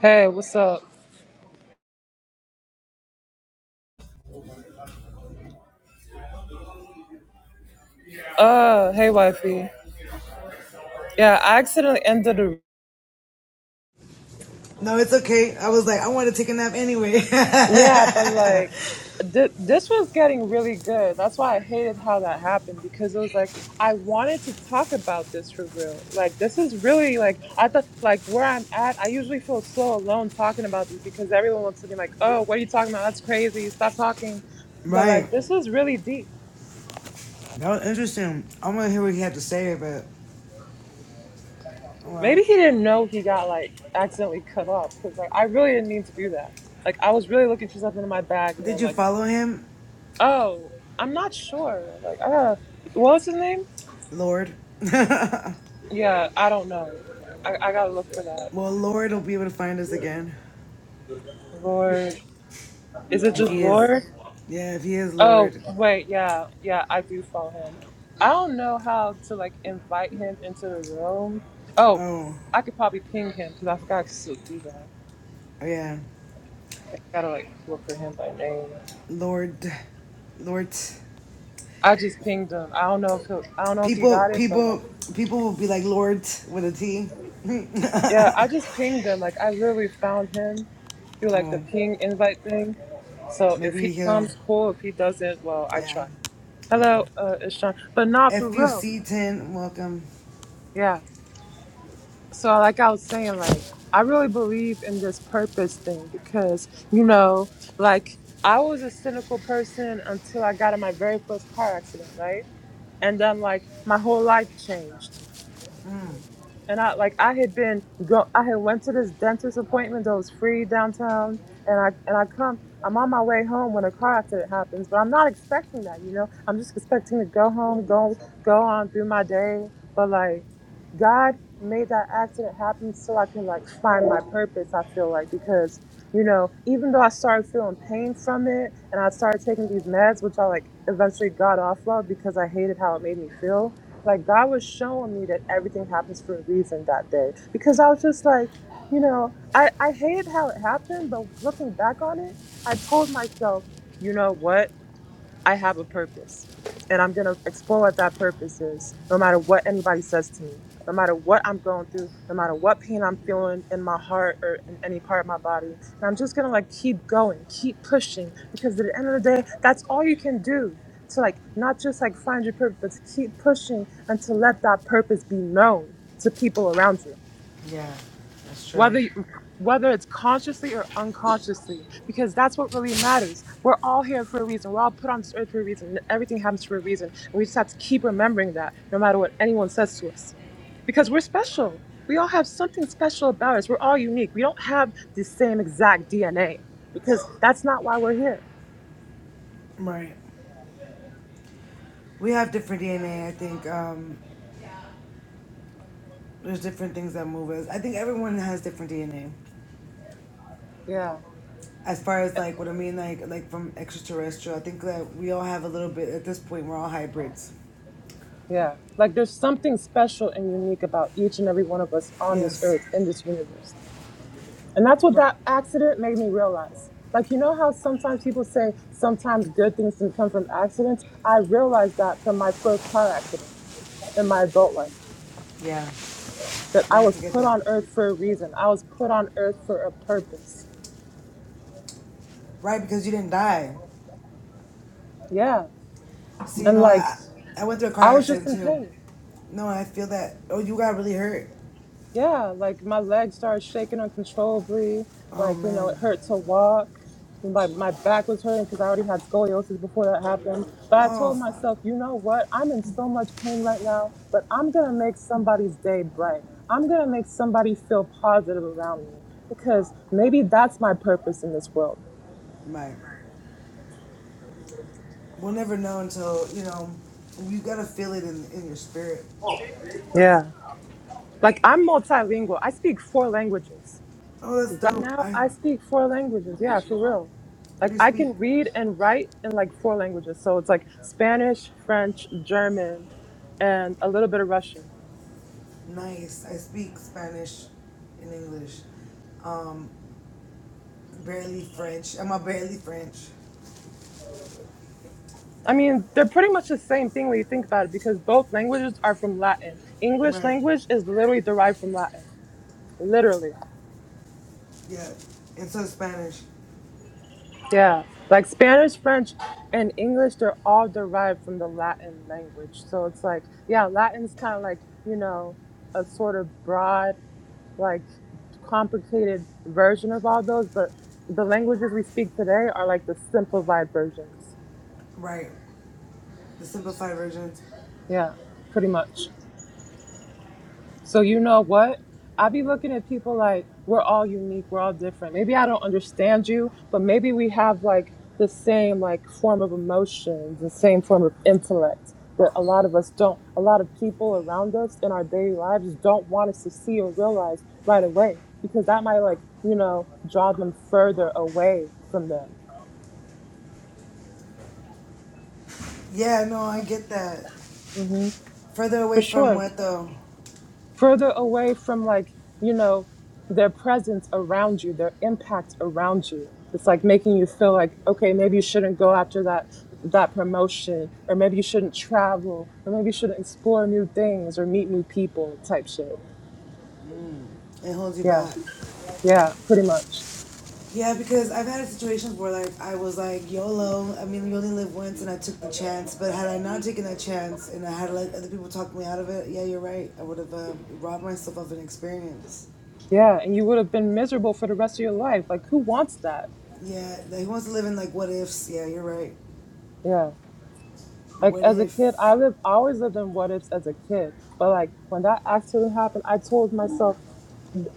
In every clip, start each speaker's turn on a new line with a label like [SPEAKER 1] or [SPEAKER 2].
[SPEAKER 1] Hey, what's up? Uh, hey, wifey. Yeah, I accidentally ended the.
[SPEAKER 2] No, it's okay. I was like, I want to take a nap anyway.
[SPEAKER 1] Yeah, but like, th- this was getting really good. That's why I hated how that happened because it was like I wanted to talk about this for real. Like, this is really like I thought like where I'm at. I usually feel so alone talking about this because everyone looks at me like, "Oh, what are you talking about? That's crazy. Stop talking." But
[SPEAKER 2] right.
[SPEAKER 1] like, this is really deep.
[SPEAKER 2] That was interesting. I want to hear what he had to say, but well,
[SPEAKER 1] Maybe he didn't know he got like accidentally cut off because like I really didn't mean to do that. Like I was really looking for something in my bag and
[SPEAKER 2] did
[SPEAKER 1] then
[SPEAKER 2] you
[SPEAKER 1] like,
[SPEAKER 2] follow him,
[SPEAKER 1] oh, I'm not sure. Like, I gotta. What was his name?
[SPEAKER 2] Lord?
[SPEAKER 1] Yeah, I don't know. I, I gotta look for that.
[SPEAKER 2] Well, Lord will be able to find us again
[SPEAKER 1] Lord, is it
[SPEAKER 2] if
[SPEAKER 1] just
[SPEAKER 2] he is.
[SPEAKER 1] Lord?
[SPEAKER 2] Yeah, if he is
[SPEAKER 1] Oh
[SPEAKER 2] Lord.
[SPEAKER 1] wait, yeah, yeah, I do follow him. I don't know how to like invite him into the room. Oh,
[SPEAKER 2] Oh,
[SPEAKER 1] I could probably ping him because I forgot I could still do that.
[SPEAKER 2] oh yeah,
[SPEAKER 1] I gotta like look for him by name.
[SPEAKER 2] Lord, Lord.
[SPEAKER 1] I just pinged him. I don't know if he'll, I don't know if he
[SPEAKER 2] People,
[SPEAKER 1] got it, but like,
[SPEAKER 2] people, people will be like Lord with a T.
[SPEAKER 1] yeah, I just pinged him. Like, I literally found him through like the
[SPEAKER 2] oh,
[SPEAKER 1] ping invite thing. So if
[SPEAKER 2] maybe
[SPEAKER 1] he
[SPEAKER 2] he'll.
[SPEAKER 1] comes, cool. If he doesn't, well, I
[SPEAKER 2] Yeah,
[SPEAKER 1] try.
[SPEAKER 2] yeah.
[SPEAKER 1] Hello, uh, it's Sean. But not for real.
[SPEAKER 2] FUC ten, welcome.
[SPEAKER 1] Yeah. So like I was saying, like I really believe in this purpose thing because you know, like I was a cynical person until I got in my very first car accident, right? and then like my whole life changed and I like I had been go I had went to this dentist appointment that was free downtown and I and I come I'm on my way home when a car accident happens, but I'm not expecting that, you know. I'm just expecting to go home, go go on through my day. But like God made that accident happen so I can like find my purpose, I feel like, because you know, even though I started feeling pain from it and I started taking these meds, which I like eventually got off of because I hated how it made me feel like God was showing me that everything happens for a reason that day because I was just like, you know, I I hated how it happened, but looking back on it, I told myself, you know what? I have a purpose. And I'm going to explore what that purpose is, no matter what anybody says to me, no matter what I'm going through, no matter what pain I'm feeling in my heart or in any part of my body. And I'm just going to like keep going, keep pushing, because at the end of the day, that's all you can do to like not just like find your purpose, but to keep pushing and to let that purpose be known to people around you
[SPEAKER 2] Yeah, that's true.
[SPEAKER 1] whether you- whether it's consciously or unconsciously because that's what really matters we're all here for a reason we're all put on this earth for a reason and everything happens for a reason and we just have to keep remembering that no matter what anyone says to us because we're special we all have something special about us we're all unique we don't have the same exact dna because that's not why we're here
[SPEAKER 2] Right. We have different DNA. I think um, there's different things that move us. I think everyone has different DNA.
[SPEAKER 1] yeah
[SPEAKER 2] As far as like what I mean, like like from extraterrestrial, I think that we all have a little bit. At this point, we're all hybrids.
[SPEAKER 1] yeah like there's something special and unique about each and every one of us on this
[SPEAKER 2] Yes.
[SPEAKER 1] earth in this universe And that's what
[SPEAKER 2] Right.
[SPEAKER 1] that accident made me realize. Like, you know how sometimes people say sometimes good things can come from accidents? I realized that from my first car accident in my adult life,
[SPEAKER 2] Yeah.
[SPEAKER 1] that
[SPEAKER 2] Now
[SPEAKER 1] I
[SPEAKER 2] I
[SPEAKER 1] was
[SPEAKER 2] can get
[SPEAKER 1] put
[SPEAKER 2] that.
[SPEAKER 1] on earth for a reason. I was put on earth for a purpose.
[SPEAKER 2] Right, because you didn't die.
[SPEAKER 1] Yeah.
[SPEAKER 2] See, you
[SPEAKER 1] And
[SPEAKER 2] know, I
[SPEAKER 1] like,
[SPEAKER 2] I went through a car
[SPEAKER 1] I was just
[SPEAKER 2] accident
[SPEAKER 1] in
[SPEAKER 2] too.
[SPEAKER 1] pain.
[SPEAKER 2] No, I feel that. Oh, you got really hurt.
[SPEAKER 1] Yeah, like my legs started shaking uncontrollably.
[SPEAKER 2] Oh
[SPEAKER 1] Like, you know,
[SPEAKER 2] man.
[SPEAKER 1] it hurt to walk. My, my back was hurting because I already had scoliosis before that happened. But I
[SPEAKER 2] Oh
[SPEAKER 1] told
[SPEAKER 2] fuck.
[SPEAKER 1] myself, you know what? I'm in so much pain right now, but I'm going to make somebody's day bright. I'm going to make somebody feel positive around me because maybe that's my purpose in this world.
[SPEAKER 2] Right. We'll never know until you know. You gotta feel it in in your spirit.
[SPEAKER 1] Yeah. Like, I'm multilingual, I speak four languages.
[SPEAKER 2] Oh, that's
[SPEAKER 1] Right
[SPEAKER 2] dope.
[SPEAKER 1] now,
[SPEAKER 2] I
[SPEAKER 1] I
[SPEAKER 2] what
[SPEAKER 1] speak four languages. Yeah, for real.
[SPEAKER 2] do
[SPEAKER 1] Like
[SPEAKER 2] you
[SPEAKER 1] I
[SPEAKER 2] speak?
[SPEAKER 1] can read and write in like four languages. So it's like Spanish, French, German, and a little bit of Russian.
[SPEAKER 2] Nice. I speak Spanish and English. Barely French. I'm a barely French.
[SPEAKER 1] I mean, they're pretty much the same thing when you think about it because both languages are from Latin. English
[SPEAKER 2] Right.
[SPEAKER 1] language is literally derived from Latin. Literally.
[SPEAKER 2] Yeah. And so Spanish.
[SPEAKER 1] Yeah. Like Spanish, French, and English, they're all derived from the Latin language. So it's like, yeah, Latin's kind of like, you know, a sort of broad like complicated version of all those, but the languages we speak today are like the simplified versions.
[SPEAKER 2] Right. The simplified versions.
[SPEAKER 1] Yeah, pretty much. So you know what? I be looking at people like we're all unique, we're all different. Maybe I don't understand you, but maybe we have like the same like form of emotions, the same form of intellect that a lot of us don't. A lot of people around us in our daily lives don't want us to see or realize right away because that might like you know draw them further away from them.
[SPEAKER 2] Yeah, no, I get that. Further
[SPEAKER 1] For
[SPEAKER 2] away from
[SPEAKER 1] sure.
[SPEAKER 2] what though?
[SPEAKER 1] further away from like you know their presence around you their impact around you it's like making you feel like okay maybe you shouldn't go after that that promotion or maybe you shouldn't travel or maybe you shouldn't explore new things or meet new people type shit
[SPEAKER 2] It holds you
[SPEAKER 1] yeah
[SPEAKER 2] back.
[SPEAKER 1] yeah pretty much
[SPEAKER 2] Yeah, because I've had situations where like I was like YOLO. I mean, you only live once, and I took the chance. But had I not taken that chance, and I had let other people talk me out of it, yeah, you're right. I would have um robbed myself of an experience.
[SPEAKER 1] yeah and you would have been miserable for the rest of your life like who wants that
[SPEAKER 2] Yeah, like, he wants to live in like what ifs. Yeah, you're right.
[SPEAKER 1] yeah like
[SPEAKER 2] What
[SPEAKER 1] as a kid i
[SPEAKER 2] if?
[SPEAKER 1] lived I always lived in what ifs as a kid but like when that accident happened i told myself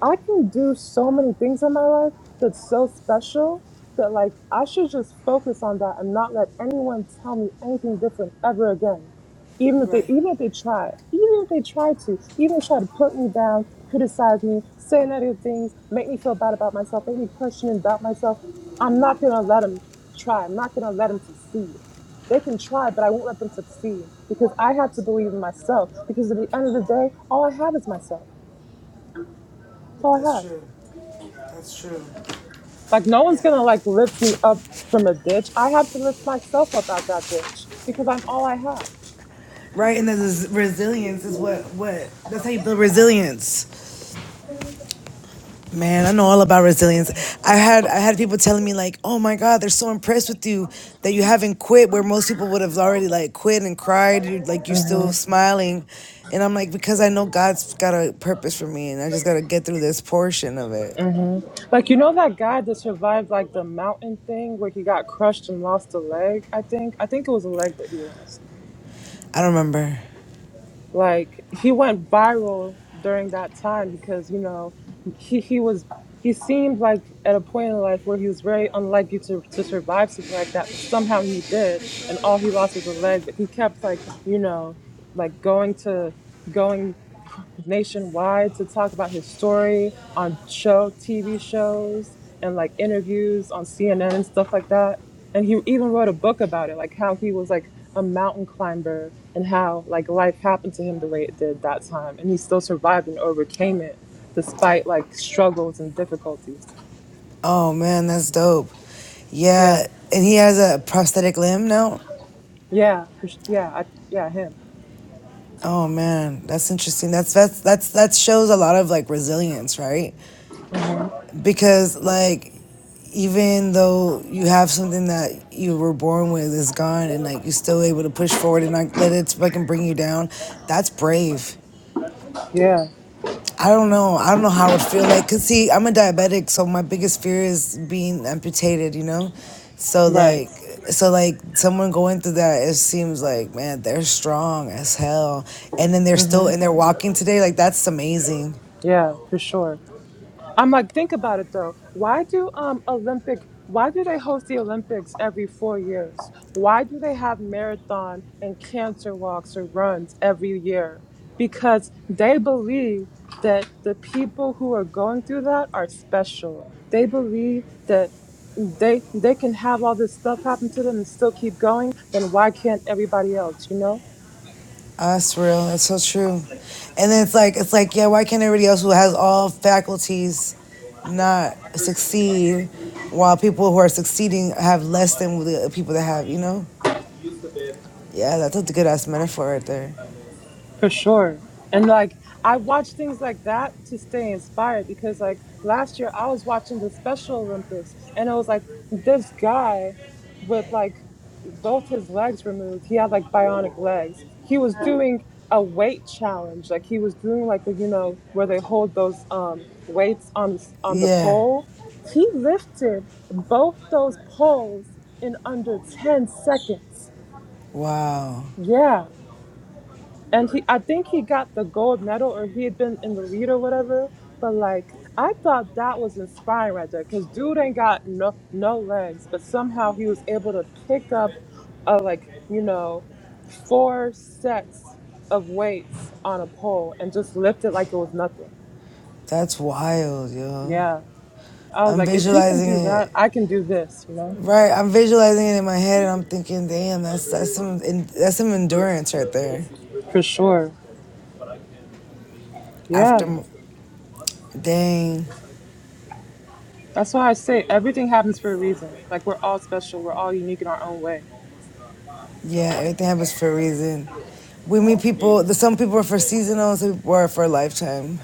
[SPEAKER 1] I can do so many things in my life that's so special that like I should just focus on that and not let anyone tell me anything different ever again. Even if they
[SPEAKER 2] Right.
[SPEAKER 1] even if they try, even if they try to, even if they try to put me down, criticize me, say negative things, make me feel bad about myself, make me question and doubt myself, I'm not gonna let them try. I'm not gonna let them succeed. They can try, but I won't let them succeed because I have to believe in myself. Because at the end of the day, all I have is myself. That's all
[SPEAKER 2] That's
[SPEAKER 1] I have.
[SPEAKER 2] true. That's true.
[SPEAKER 1] Like no one's
[SPEAKER 2] Yeah.
[SPEAKER 1] gonna like lift me up from a ditch. I have to lift myself up out that ditch because I'm all I have.
[SPEAKER 2] Right, and there's resilience is what what that's how you build resilience. Man, I know all about resilience. I had I had people telling me like, "Oh my God, they're so impressed with you that you haven't quit." Where most people would have already like quit and cried. You're like you're still smiling, and I'm like because I know God's got a purpose for me, and I just gotta get through this portion of it.
[SPEAKER 1] Like you know that guy that survived like the mountain thing where he got crushed and lost a leg, I think. I think it was a leg that he lost.
[SPEAKER 2] I don't remember.
[SPEAKER 1] Like he went viral during that time because, you know, he, he was he seemed like at a point in life where he was very unlikely to, to survive something like that, but somehow he did and all he lost was a leg, but he kept like, you know, like going to going nationwide to talk about his story on show TV shows and like interviews on CNN and stuff like that. And he even wrote a book about it, like how he was like a mountain climber and how like life happened to him the way it did that time, and he still survived and overcame it despite like struggles and difficulties.
[SPEAKER 2] Oh man, that's dope.
[SPEAKER 1] Yeah,
[SPEAKER 2] Yeah, and he has a prosthetic limb now.
[SPEAKER 1] yeah, for, s- yeah, I, yeah, him.
[SPEAKER 2] Oh man, that's interesting. That's that's that's that shows a lot of like resilience, right? Because like even though you have something that you were born with is gone and like you're still able to push forward and not let it fucking bring you down, that's brave.
[SPEAKER 1] Yeah,
[SPEAKER 2] I don't know. I don't know how it would feel like. Cause see, I'm a diabetic, so my biggest fear is being amputated. You know, so
[SPEAKER 1] right.
[SPEAKER 2] like, so like someone going through that, it seems like man, they're strong as hell, and then they're still and they're walking today. Like that's amazing.
[SPEAKER 1] Yeah, for sure. I'm like, think about it though. Why do um Olympic? Why do they host the Olympics every four years? Why do they have marathon and cancer walks or runs every year? Because they believe that the people who are going through that are special. They believe that they they can have all this stuff happen to them and still keep going. Then why can't everybody else? You know?
[SPEAKER 2] Ah, That's real. That's so true. And then it's like it's like yeah, why can't everybody else who has all faculties not succeed, while people who are succeeding have less than the people that have? You know? Yeah, that's a good ass metaphor right there.
[SPEAKER 1] For sure. And like I watch things like that to stay inspired because like last year I was watching the Special Olympics and it was like this guy with like both his legs removed. He had like bionic legs. He was doing a weight challenge. Like he was doing like a you know where they hold those um weights on the, on the
[SPEAKER 2] Yeah.
[SPEAKER 1] pole. He lifted both those poles in under 10 seconds.
[SPEAKER 2] Wow,
[SPEAKER 1] Yeah and he I think he got the gold medal or he had been in the lead or whatever. But like I thought that was inspiring right there because dude ain't got no no legs, but somehow he was able to pick up uh, like you know four sets of weights on a pole and just lift it like it was nothing.
[SPEAKER 2] that's wild, yo.
[SPEAKER 1] Yeah. I was
[SPEAKER 2] I'm
[SPEAKER 1] like, if he can
[SPEAKER 2] visualizing
[SPEAKER 1] do that,
[SPEAKER 2] it.
[SPEAKER 1] I can do this, you know?
[SPEAKER 2] Right, I'm visualizing it in my head, and I'm thinking, damn, that's that's some en- that's some endurance right there.
[SPEAKER 1] For sure.
[SPEAKER 2] After,
[SPEAKER 1] Yeah.
[SPEAKER 2] m- dang,
[SPEAKER 1] That's why I say everything happens for a reason. Like we're all special, we're all unique in our own way.
[SPEAKER 2] yeah, everything happens for a reason. We meet people. the- Some people are for seasonal, some people are for a lifetime,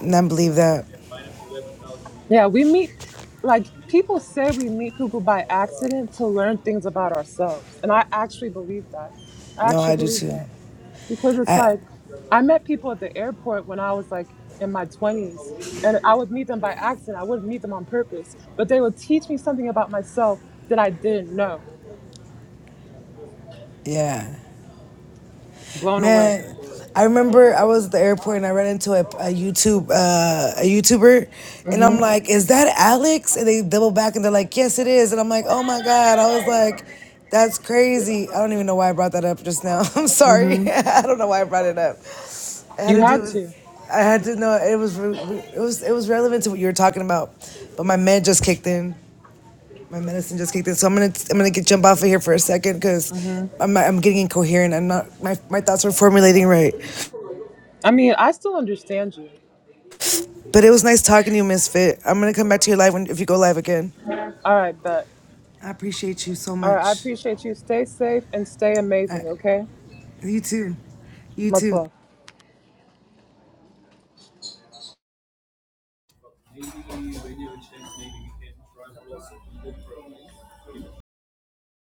[SPEAKER 2] and I believe that.
[SPEAKER 1] Yeah, we meet like people say we meet people by accident to learn things about ourselves. And I actually believe that. I
[SPEAKER 2] No, I
[SPEAKER 1] actually
[SPEAKER 2] do
[SPEAKER 1] believe
[SPEAKER 2] too.
[SPEAKER 1] that. Because it's
[SPEAKER 2] I
[SPEAKER 1] like I met people at the airport when I was like in my 20s and I would meet them by accident. I wouldn't meet them on purpose, but they would teach me something about myself that I didn't know.
[SPEAKER 2] yeah.
[SPEAKER 1] Blown away.
[SPEAKER 2] Man, I remember I was at the airport and I ran into a, a YouTube uh, a YouTuber, and I'm like, "Is that Alex?" And they double back and they're like, "Yes, it is." And I'm like, "Oh my god!" I was like, "That's crazy." I don't even know why I brought that up just now. I'm sorry.
[SPEAKER 1] Mhm.
[SPEAKER 2] I don't know why I brought it up. I had
[SPEAKER 1] You
[SPEAKER 2] to
[SPEAKER 1] had
[SPEAKER 2] do.
[SPEAKER 1] to.
[SPEAKER 2] I had to know it was re- re- it was it was relevant to what you were talking about, but my med just kicked in. My medicine just kicked in, so I'm gonna I'm gonna get jump off of here for a second because I'm I'm getting incoherent. I'm not my my thoughts are formulating right.
[SPEAKER 1] I mean, I still understand you.
[SPEAKER 2] But it was nice talking to you, Misfit. I'm gonna come back to your live when if you go live again.
[SPEAKER 1] All right, bet.
[SPEAKER 2] I appreciate you so
[SPEAKER 1] All right, I
[SPEAKER 2] much.
[SPEAKER 1] appreciate you. Stay safe and stay
[SPEAKER 2] I,
[SPEAKER 1] amazing, okay?
[SPEAKER 2] you too, you
[SPEAKER 1] Much
[SPEAKER 2] too.
[SPEAKER 1] love.